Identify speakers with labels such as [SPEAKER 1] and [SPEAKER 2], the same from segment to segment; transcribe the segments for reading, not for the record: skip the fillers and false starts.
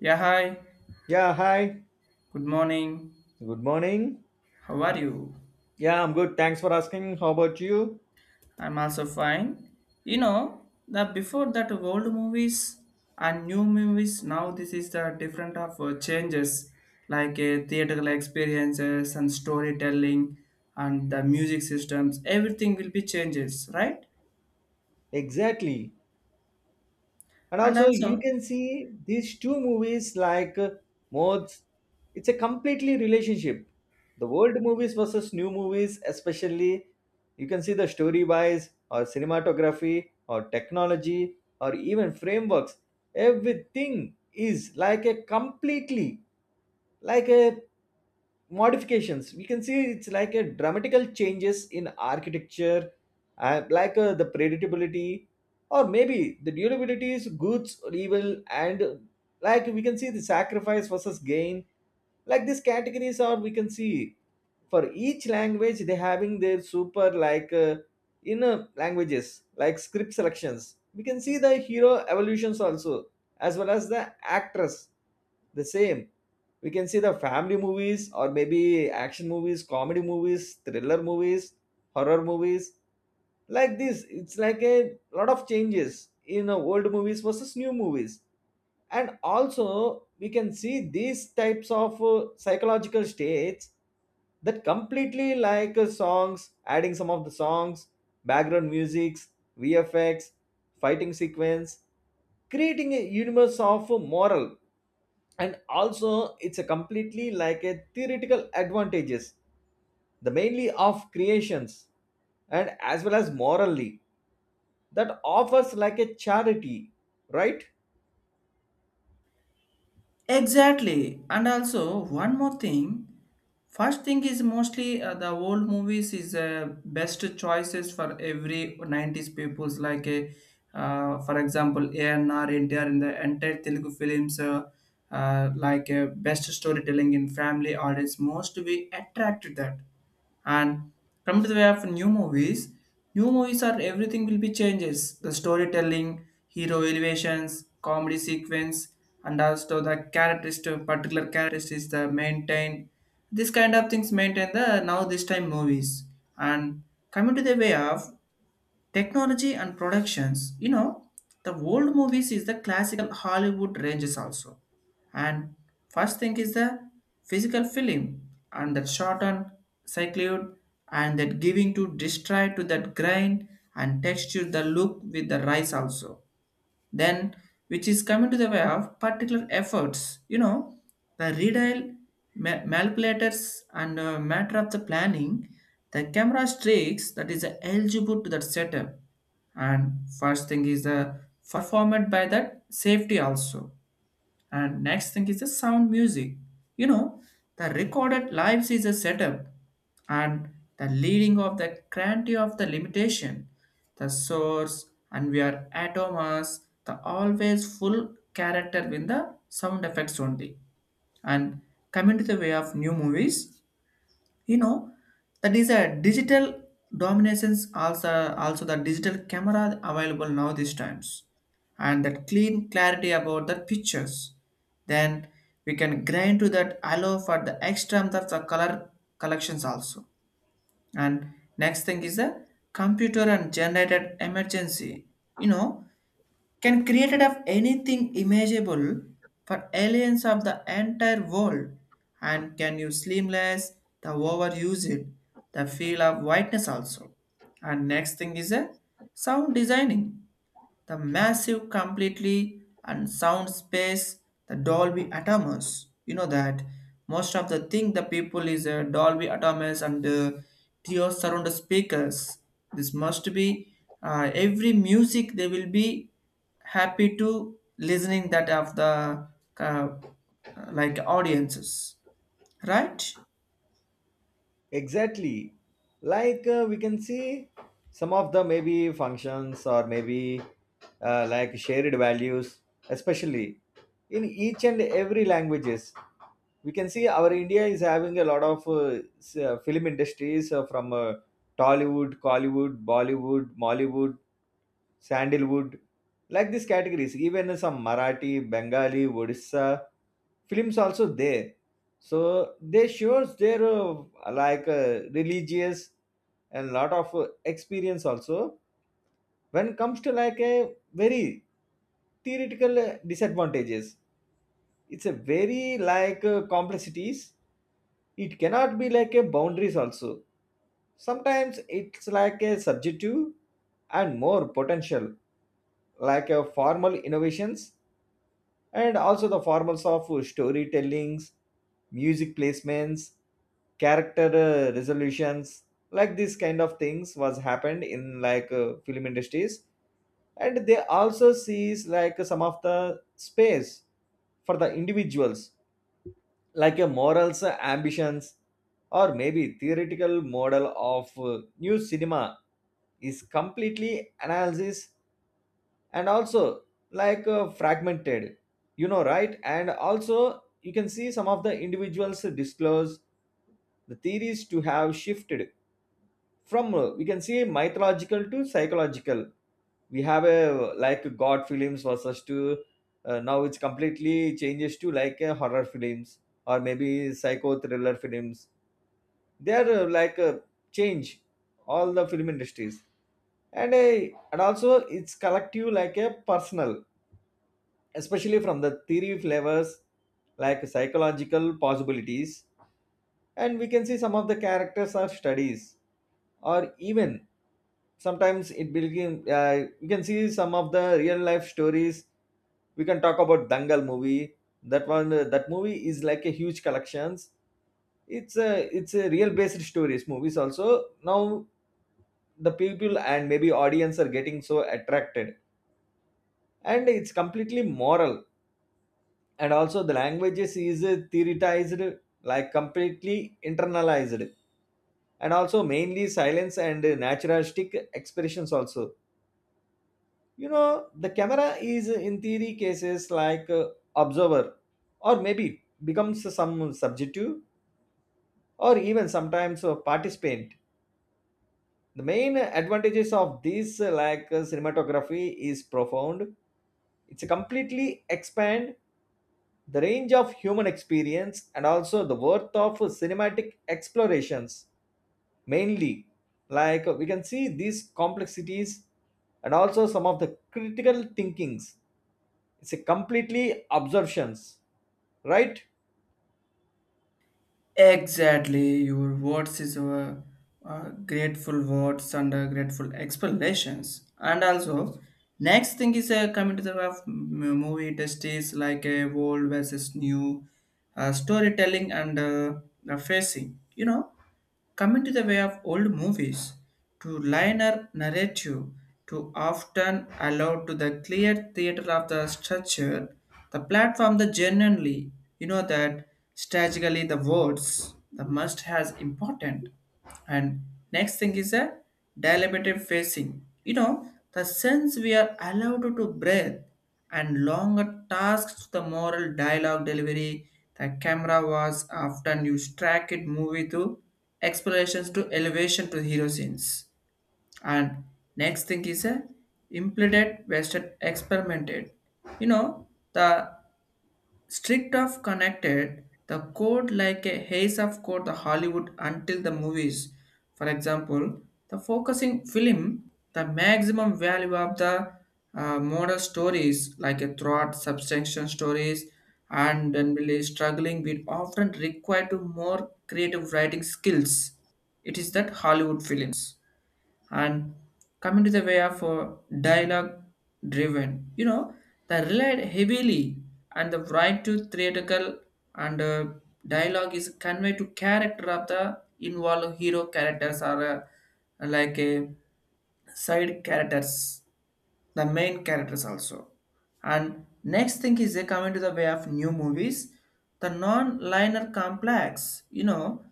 [SPEAKER 1] Yeah, hi.
[SPEAKER 2] Yeah, hi.
[SPEAKER 1] Good morning.
[SPEAKER 2] Good morning.
[SPEAKER 1] How are you?
[SPEAKER 2] Yeah, I'm good. Thanks for asking. How about you?
[SPEAKER 1] I'm also fine. You know, that before that old movies and new movies, now this is the different of changes like theatrical experiences and storytelling and the music systems. Everything will be changes, right?
[SPEAKER 2] Exactly. And
[SPEAKER 1] And
[SPEAKER 2] also, you
[SPEAKER 1] also.
[SPEAKER 2] can see these two movies modes. It's a completely relationship. The old movies versus new movies, especially, you can see the story wise, or cinematography, or technology, or even frameworks. Everything is like a completely like a modifications we can see it's like a dramatical changes in architecture the predictability or maybe the durability is goods or evil and like we can see the sacrifice versus gain like these categories are we can see for each language they having their super like in languages like script selections we can see the hero evolutions also as well as the actress the same we can see the family movies or maybe action movies, comedy movies, thriller movies, horror movies. Like this, it's like a lot of changes in old movies versus new movies, and also we can see these types of psychological states that completely songs, adding some of the songs, background musics, vfx, fighting sequence, creating a universe of moral. And also it's a completely like a theoretical advantages, the mainly of creations, and as well as morally, that offers like a charity, right?
[SPEAKER 1] Exactly. And also, one more thing. First thing is mostly the old movies is best choices for every 90s peoples. Like, a, for example, ANR, NTR in the entire Telugu films, like best storytelling in family audience. Most we attracted that. And come to the way of new movies are everything will be changes. The storytelling, hero elevations, comedy sequence, and also the characteristic, particular characteristics the maintain. This kind of things maintain the now this time movies. And coming to the way of technology and productions, you know, the old movies is the classical Hollywood ranges also. And first thing is the physical film and that short on cycled and that giving to destroy to that grain and texture the look with the rice also. Then which is coming to the way of particular efforts, you know, the redial manipulators and matter of the planning, the camera streaks that is eligible to that setup. And first thing is the performed by that safety also. And next thing is the sound music. You know, the recorded lives is a setup and the leading of the granty of the limitation, the source, and we are atomas, the always full character with the sound effects only. And coming to the way of new movies, you know that is a digital dominations also. Also the digital camera available now these times and that clean clarity about the pictures. Then we can grind to that allow for the extra amount of the color collections also. And next thing is the computer and generated emergency, you know, can create it of anything imaginable for aliens of the entire world and can use seamless the overuse it, the feel of whiteness also. And next thing is a sound designing, the massive, completely and sound space, the Dolby Atmos. You know that most of the thing the people is Dolby Atmos and Theo surround speakers. This must be every music they will be happy to listening that of the uh, like audiences, right?
[SPEAKER 2] Exactly. We can see some of the maybe functions or maybe like shared values, especially in each and every languages. We can see our India is having a lot of film industries from Tollywood, Collywood, Bollywood, Mollywood, Sandalwood, like these categories. Even some Marathi, Bengali, Odisha films also there, so they shows their religious and lot of experience also. When comes to like a very theoretical disadvantages, it's a very like complexities. It cannot be like a boundaries also, sometimes it's like a subjective and more potential, like a formal innovations, and also the formats of storytellings, music placements, character resolutions. Like this kind of things was happened in like film industries, and they also sees like some of the space for the individuals, like a morals, ambitions, or maybe theoretical model of new cinema is completely analysis, and also like fragmented, you know, right? And also you can see some of the individuals disclose the theories to have shifted from we can see mythological to psychological. We have a like god films versus to now it's completely changes to like a horror films or maybe psycho thriller films. They are change all the film industries. And also it's collective like a personal, especially from the theory flavors, like psychological possibilities. And we can see some of the characters of studies, or even sometimes it begin, you can see some of the real life stories. We can talk about Dangal movie. That one, that movie is like a huge collections. It's a it's a real based stories movies also. Now the people and maybe audience are getting so attracted, and it's completely moral. And also the languages is theoretized, like completely internalized. And also mainly silence and naturalistic expressions also. You know, the camera is in theory cases like observer, or maybe becomes some subjective, or even sometimes participant. The main advantages of this cinematography is profound. It's completely expand the range of human experience and also the worth of cinematic explorations, mainly like we can see these complexities, and also some of the critical thinkings. It's a completely absorptions, right?
[SPEAKER 1] Exactly, your words is a, grateful words and grateful explanations. And also, next thing is coming to the of movie testes like a old versus new storytelling and the facing. You know, coming to the way of old movies, to liner narrative, to often allow to the clear theater of the structure, the platform the genuinely, you know that strategically the words, the must has important. And next thing is a deliberative facing. You know, the sense we are allowed to breathe and longer tasks to the moral dialogue delivery. The camera was often used tracked movie to explorations to elevation to hero scenes. And next thing is a implemented wasted experimented. You know the strict of connected the code like a haze of code the Hollywood until the movies, for example the focusing film, the maximum value of the model stories like a throughout substantial stories, and then really struggling will often require to more creative writing skills. It is that Hollywood films. And coming to the way of dialogue driven, you know, they relied heavily on the right to theatrical and dialogue is conveyed to character of the involved hero characters or like a side characters, the main characters also. And next thing is they come into the way of new movies, the non-linear complex. You know,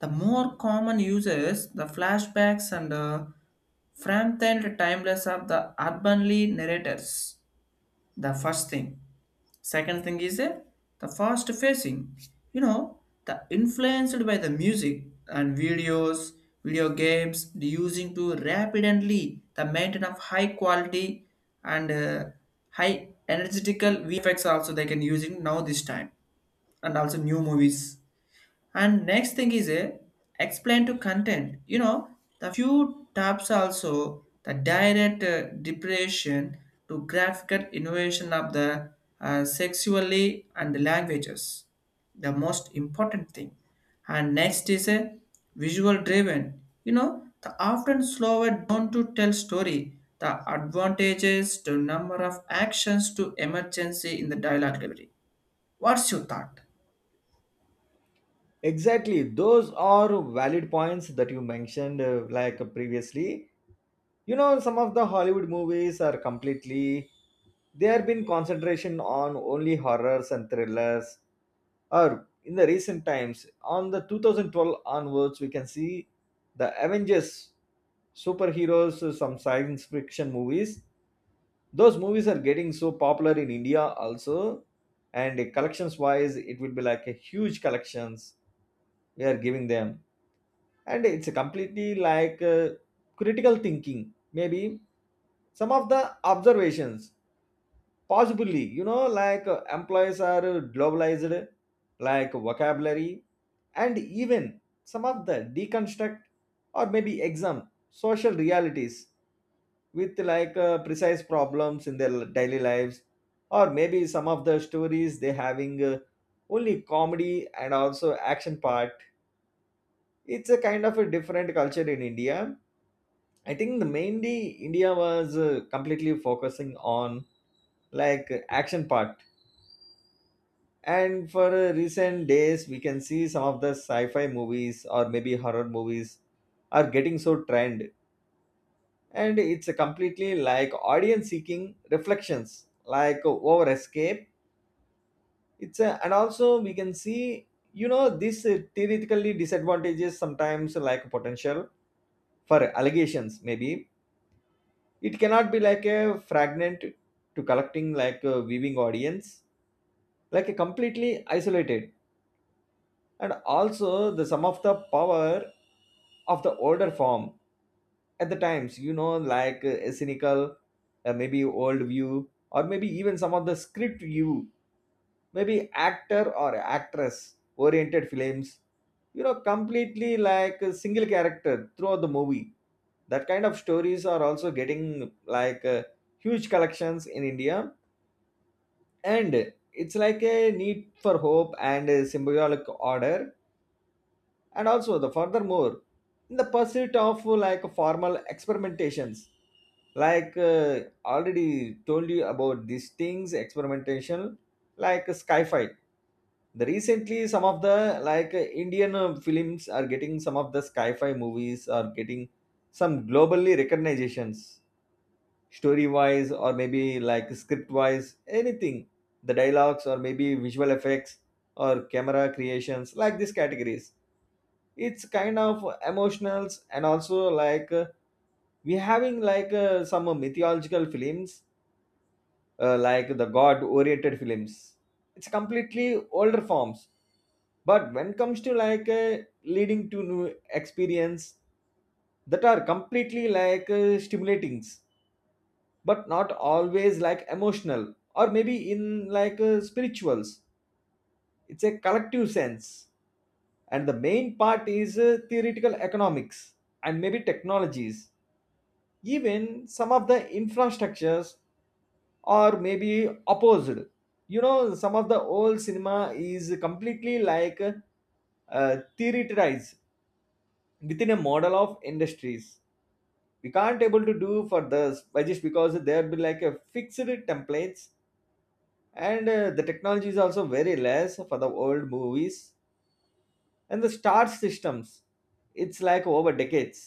[SPEAKER 1] the more common uses the flashbacks and frame timeless of the urbanly narrators, the first thing. Second thing is the fast facing, you know the influenced by the music and videos, video games the using to rapidly the maintain of high quality and high energetical VFX also they can using now this time and also new movies. And next thing is a explain to content. You know, the few tabs also the direct depression to graphical innovation of the sexually and languages. The most important thing. And next is a visual driven. You know, the often slower down to tell story. The advantages to number of actions to emergency in the dialogue delivery. What's your thought?
[SPEAKER 2] Exactly, those are valid points that you mentioned like previously. You know, some of the Hollywood movies are completely there been concentration on only horrors and thrillers, or in the recent times on the 2012 onwards we can see the Avengers, superheroes, some science fiction movies. Those movies are getting so popular in India also, and collections wise it will be like a huge collections we are giving them. And it's a completely like critical thinking maybe, some of the observations possibly, you know, like employees are globalized like vocabulary, and even some of the deconstruct or maybe exam social realities with like precise problems in their daily lives. Or maybe some of the stories they having, only comedy and also action part. It's a kind of a different culture in India. I think the mainly India was completely focusing on like action packed, and for recent days we can see some of the sci-fi movies or maybe horror movies are getting so trend. And it's a completely like audience seeking reflections like over escape. And also we can see, you know, this theoretically disadvantages sometimes like potential for allegations maybe. It cannot be like a fragment to collecting like a viewing audience, like a completely isolated. And also the sum of the power of the older form at the times, you know, like a cynical, maybe old view, or maybe even some of the script view, maybe actor or actress oriented films, you know, completely like a single character throughout the movie. That kind of stories are also getting like huge collections in India. And it's like a need for hope and a symbolic order. And also the furthermore, in the pursuit of like formal experimentations, like uh, already told you about these things experimentation, like sci-fi. The recently some of the like Indian films are getting, some of the sci-fi movies are getting some globally recognitions, story wise or maybe like script wise anything, the dialogues or maybe visual effects or camera creations. Like these categories, it's kind of emotional. And also like we having like some mythological films, like the god oriented films. It's completely older forms. But when comes to like leading to new experience, that are completely like stimulating, but not always like emotional or maybe in like spirituals. It's a collective sense. And the main part is theoretical economics and maybe technologies. Even some of the infrastructures are maybe opposed. You know, some of the old cinema is completely like theoretized within a model of industries. We can't able to do for this by just because there be like a fixed templates, and the technology is also very less for the old movies. And the star systems, it's like over decades,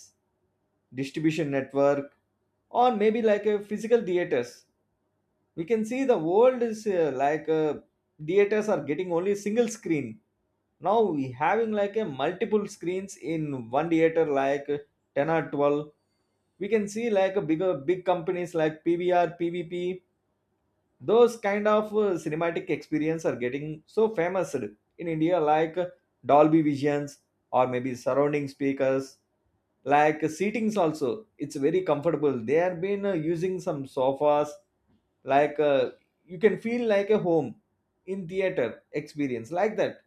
[SPEAKER 2] distribution network, or maybe like a physical theaters. We can see the world is theaters are getting only single screen. Now we having like a multiple screens in one theater like 10 or 12. We can see like a bigger big companies like PVR, PVP. Those kind of cinematic experience are getting so famous in India, like Dolby visions, or maybe surrounding speakers. Like seatings also it's very comfortable. They have been using some sofas, like uh, you can feel like a home in theater experience like that.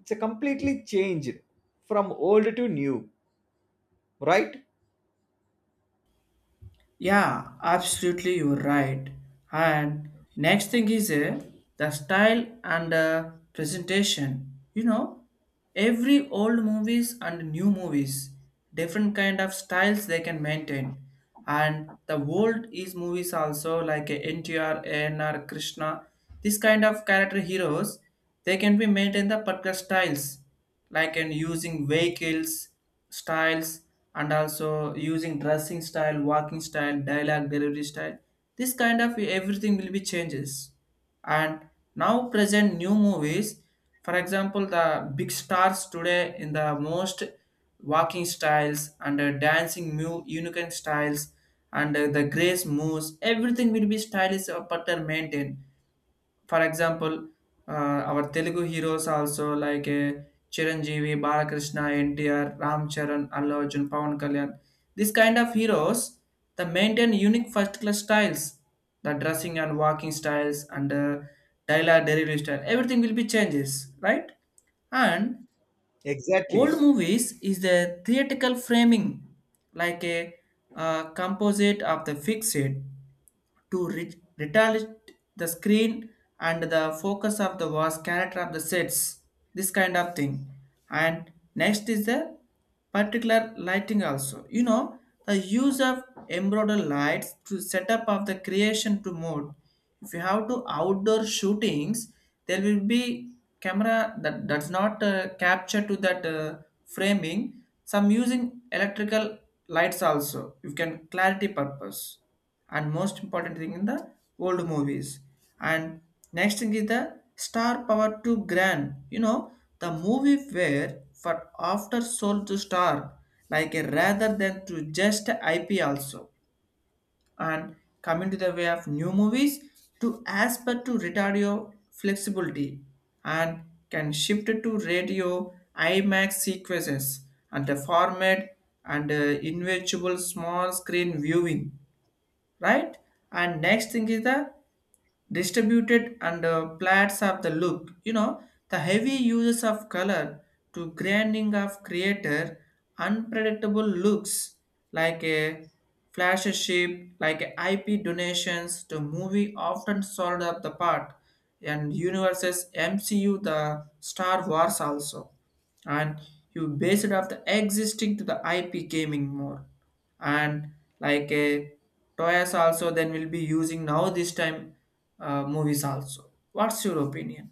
[SPEAKER 2] It's a completely changed from old to new, right?
[SPEAKER 1] Yeah, absolutely, you're right. And next thing is the style and presentation. You know, every old movies and new movies, different kind of styles they can maintain. And the old is movies also like NTR, ANR, Krishna, this kind of character heroes, they can be maintained the particular styles, like in using vehicles styles, and also using dressing style, walking style, dialogue delivery style. This kind of everything will be changes. And now present new movies, for example the big stars today in the most walking styles and dancing unicorn styles and the grace moves, everything will be stylish, but are maintained. For example our Telugu heroes also like Chiranjeevi, Balakrishna, NTR, Ram Charan, Allu Arjun, pavan kalyan, this kind of heroes, they maintain unique first class styles. The dressing and walking styles and dialogue delivery style, everything will be changes, right? And
[SPEAKER 2] Exactly.
[SPEAKER 1] old movies is the theatrical framing, like a composite of the fixed to retaliate the screen and the focus of the was character of the sets, this kind of thing. And next is the particular lighting also, you know, the use of embroidered lights to set up of the creation to mode. If you have to outdoor shootings, there will be camera that does not capture to that framing, some using electrical lights also you can clarity purpose, and most important thing in the old movies. And next thing is the star power to grand, you know, the movie where for after soul to star like a rather than to just IP also. And coming to the way of new movies, to as per to radio flexibility, and can shift to radio IMAX sequences and the format and invisible small screen viewing, right? And next thing is the distributed and plats of the look, you know, the heavy uses of color to grinding of creator unpredictable looks, like a flash shape like IP donations to movie often sold up the part and universes MCU, the Star Wars also, and you base it off the existing to the IP gaming more, and like a toys also then we'll be using now this time movies also. What's your opinion?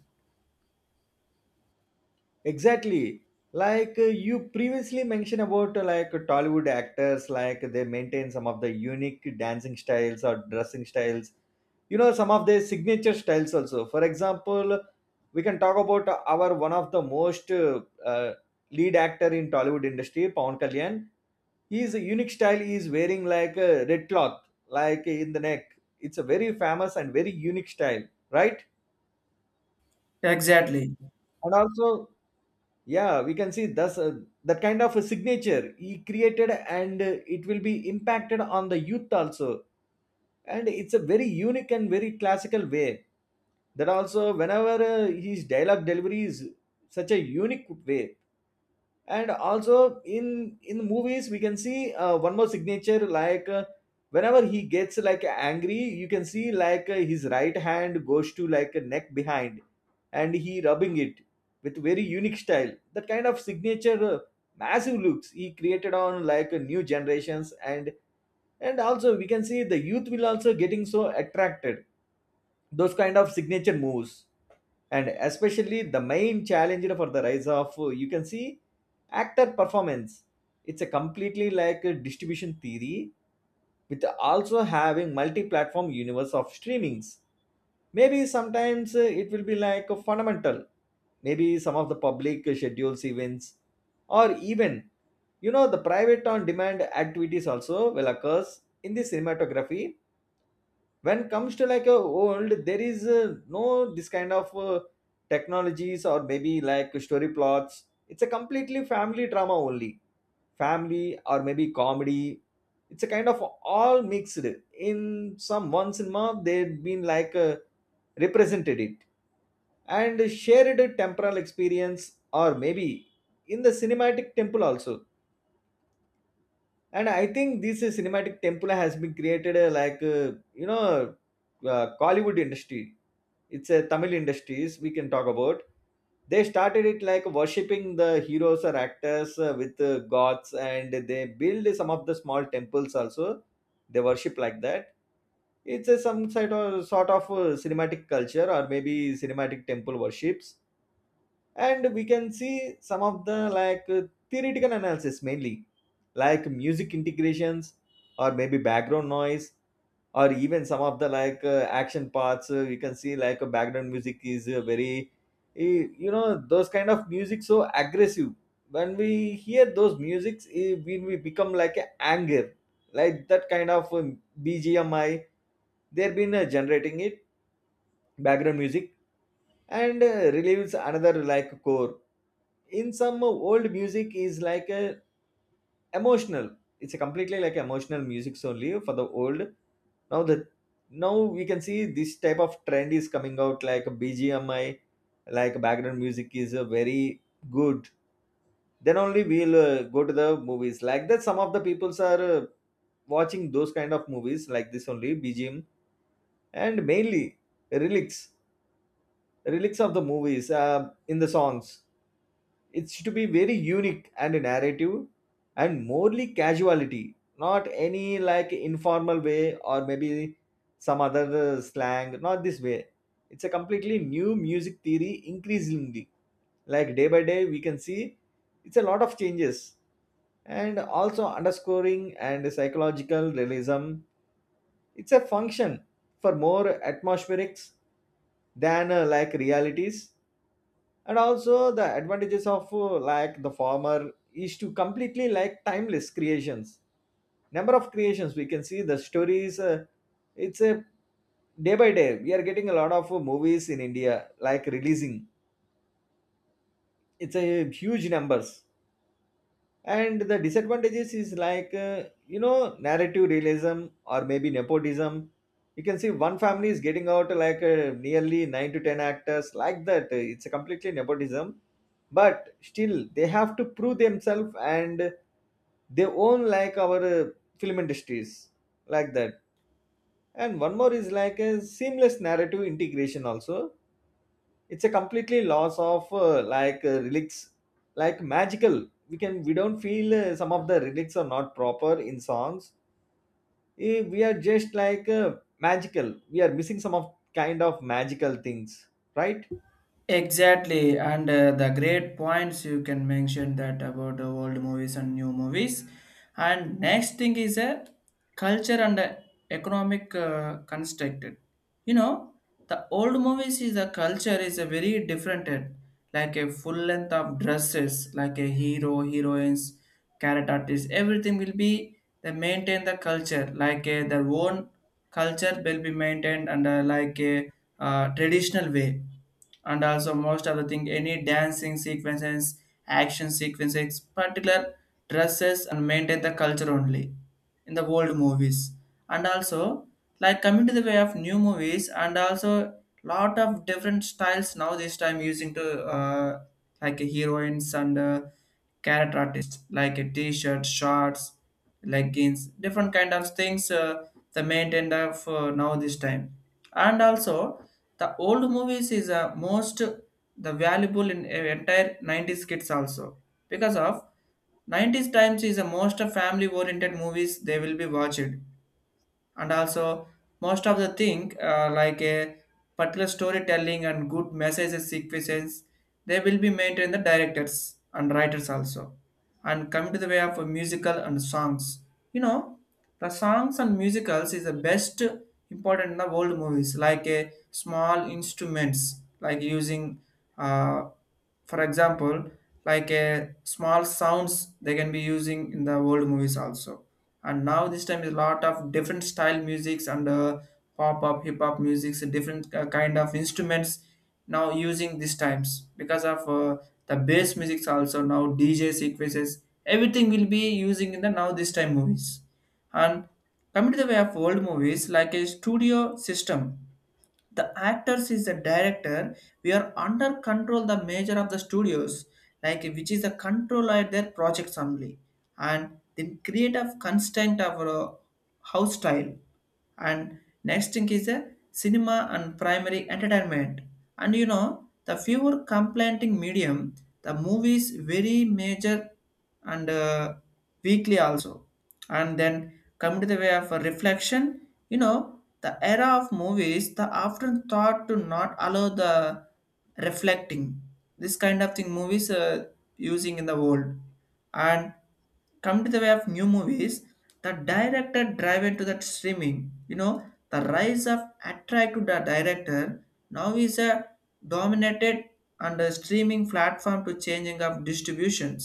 [SPEAKER 2] Exactly. You previously mentioned about like Tollywood actors, like they maintain some of the unique dancing styles or dressing styles. You know, some of their signature styles also. For example, we can talk about our one of the most lead actor in Tollywood industry, Pawan Kalyan. His unique style is wearing like a red cloth, like in the neck. It's a very famous and very unique style, right?
[SPEAKER 1] Exactly.
[SPEAKER 2] And also, yeah, we can see thus that kind of a signature he created, and it will be impacted on the youth also, and it's a very unique and very classical way. That also, whenever his dialogue delivery is such a unique way. And also, in movies we can see one more signature like whenever he gets like angry, you can see like his right hand goes to like a neck behind and he rubbing it with very unique style. That kind of signature, massive looks he created on like new generations. And also we can see the youth will also getting so attracted those kind of signature moves. And especially, the main challenge for the rise of you can see actor performance, it's a completely like a distribution theory, with also having multi-platform universe of streamings. Maybe sometimes it will be like a fundamental, maybe some of the public schedules events, or even, you know, the private on demand activities also will occurs in the cinematography. When comes to like a old, there is no this kind of technologies or maybe like story plots. It's a completely family drama only, family or maybe comedy. It's a kind of all mixed in. Some once in month they've been like represented it, and shared temporal experience, or maybe in the cinematic temple also. And I think this cinematic tempura has been created like you know, Kollywood industry. It's a Tamil industries, we can talk about. They started it like worshipping the heroes or actors with gods, and they build some of the small temples also. They worship like that. It's a some sort of cinematic culture or maybe cinematic temple worships. And we can see some of the like theoretical analysis, mainly like music integrations or maybe background noise, or even some of the like action parts. You can see like a background music is very, you know, those kind of music so aggressive. When we hear those musics, we become like a anger. Like that kind of bgmi they've been generating it, background music. And relieves another like core in some old music is like a emotional. It's a completely like emotional musics only for the old. Now the now we can see this type of trend is coming out like bgmi, like background music is very good. Then only we'll go to the movies, like that some of the peoples are watching those kind of movies like this only bgm. And mainly, relics relics of the movies in the songs, it's to be very unique and narrative, and morely casuality, not any like informal way or maybe some other slang, not this way. It's a completely new music theory, increasingly like day by day we can see, it's a lot of changes. And also, underscoring and psychological realism, it's a function for more atmospherics than like realities. And also the advantages of like the former is to completely like timeless creations. Number of creations, we can see the stories it's a, day by day we are getting a lot of movies in india like releasing. It's a huge numbers. And the disadvantages is like you know, narrative realism or maybe nepotism. You can see one family is getting out like nearly 9 to 10 actors like that. It's a completely nepotism, but still they have to prove themselves and they own like our film industries, like that. And one more is like a seamless narrative integration also. It's a completely loss of like relics, like magical. We don't feel some of the relics are not proper in songs. We are just like magical, we are missing some of kind of magical things, right?
[SPEAKER 1] Exactly, and the great points you can mention that about the old movies and new movies. And next thing is a culture and economic constructed. You know, the old movies is the culture is a very different, like a full length of dresses, like a hero, heroines, character artists. Everything will be they maintain the culture, like their own culture will be maintained and like a traditional way. And also most of the thing any dancing sequences, action sequences, particular dresses and maintain the culture only in the old movies. And also like coming to the way of new movies, and also lot of different styles now this time using to like heroines and character artists, like a t-shirt, shorts, leggings, different kind of things, the maintained of now this time. And also the old movies is most the valuable in entire 90s kids also, because of 90s times is the most family oriented movies they will be watched. And also most of the thing like a particular storytelling and good messages sequences, they will be maintained the directors and writers also. And coming to the way of musical and songs, you know, the songs and musicals is the best important in the old movies, like a small instruments like using, uh, for example like a small sounds they can be using in the old movies also. And now this time is a lot of different style musics and pop up hip hop musics, different kind of instruments now using these times, because of the bass musics also, now DJ sequences, everything will be using in the now this time movies. And coming to the way of old movies, like a studio system, the actors is the director, we are under control the major of the studios, like which is the control at their projects only, and then create a constant of house style. And next thing is a cinema and primary entertainment, and you know the fewer complaining medium the movies very major, and weekly also. And then come to the way of reflection, you know the era of movies the often thought to not allow the reflecting, this kind of thing movies are using in the world. And come to the way of new movies, the director driven to that streaming, you know, the rise of attract to the director, now is a dominated under streaming platform to changing of distributions,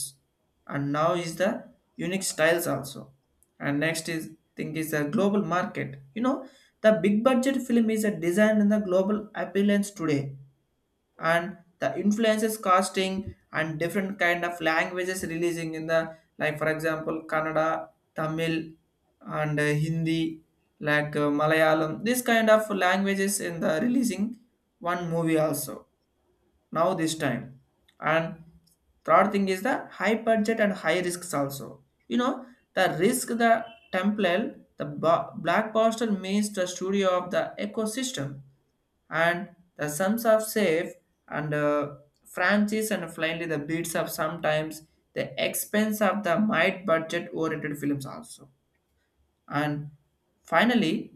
[SPEAKER 1] and now is the unique styles also. And next is thing is the global market. You know, the big budget film is a design in the global appearance today, and the influences casting and different kind of languages releasing in the, like for example Kannada, Tamil, and Hindi, like Malayalam, this kind of languages in the releasing one movie also now this time. And third thing is the high budget and high risks also. You know, the risk the template, the blockbuster means the studio of the ecosystem and the sums of safe and franchise, and finally the beats of sometimes the expense of the might budget oriented films also. And finally,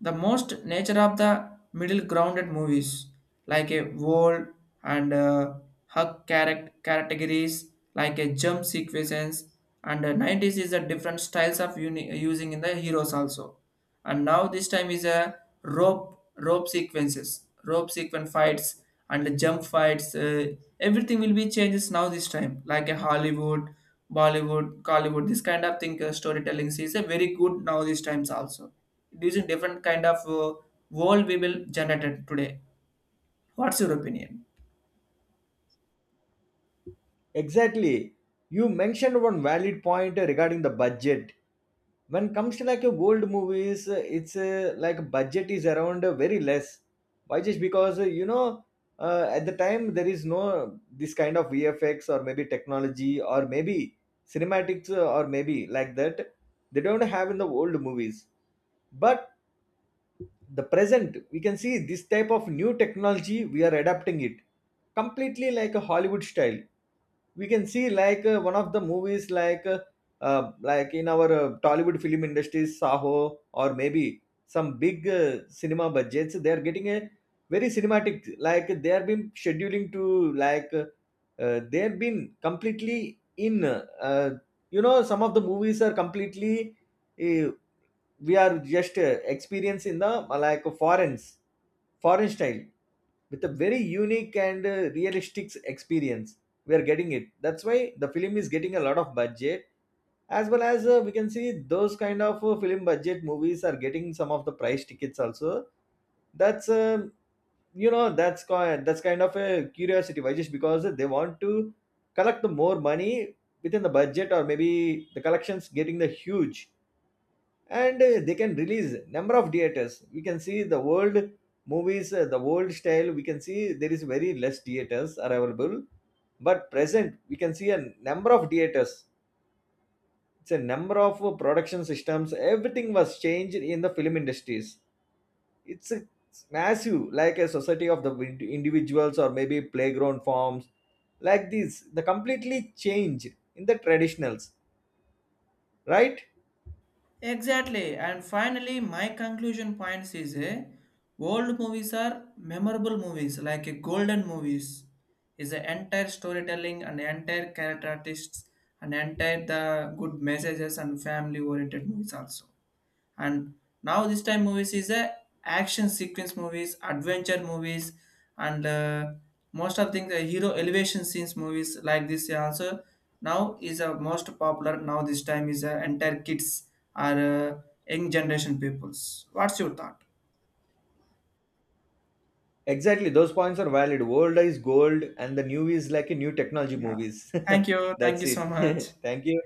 [SPEAKER 1] the most nature of the middle grounded movies, like a world, and hug categories like a jump sequences, and 90s is the different styles of using in the heroes also. And now this time is a rope sequences, rope sequence fights, and the jump fights, everything will be changes now this time, like a Hollywood, Bollywood, Hollywood, this kind of thing storytelling is a very good now these times also. It is a different kind of world we will generated today. What's your opinion?
[SPEAKER 2] Exactly, you mentioned one valid point regarding the budget. When comes to like your old movies, it's like budget is around very less. Why? Just because you know, at the time there is no this kind of vfx or maybe technology or maybe cinematics, or maybe like that, they don't have in the old movies. But the present we can see this type of new technology we are adapting it, completely like a hollywood style. We can see like one of the movies like in our tollywood film industries saho, or maybe some big cinema budgets, they are getting a very cinematic, like they are been scheduling to like they have been completely in you know, some of the movies are completely, uh, we are just experience in the like foreign style, with a very unique and realistic experience we are getting it. That's why the film is getting a lot of budget, as well as we can see those kind of film budget movies are getting some of the price tickets also. That's you know, that's kind of a curiosity. Why? Just because they want to collect the more money within the budget, or maybe the collections getting the huge. And they can release number of theaters. We can see the world movies, the world style, we can see there is very less theaters are available. But present we can see a number of theaters. It's a number of production systems, everything was changed in the film industries. It's a massive like a society of the individuals or maybe playground forms, like this the completely change in the traditionals, right?
[SPEAKER 1] Exactly. And finally, my conclusion points is a old movies are memorable movies, like a golden movies, is the entire storytelling and entire character artists and entire the good messages and family oriented movies also. And now this time movies is a action sequence movies, adventure movies, and most of things the hero elevation scenes movies, like this also. Now is a most popular now this time is entire kids or young generation peoples. What's your thought?
[SPEAKER 2] Exactly, those points are valid. Old is gold, and the new is like a new technology
[SPEAKER 1] Yeah,
[SPEAKER 2] movies.
[SPEAKER 1] thank you, thank
[SPEAKER 2] That's
[SPEAKER 1] you so
[SPEAKER 2] it.
[SPEAKER 1] much.
[SPEAKER 2] Thank you.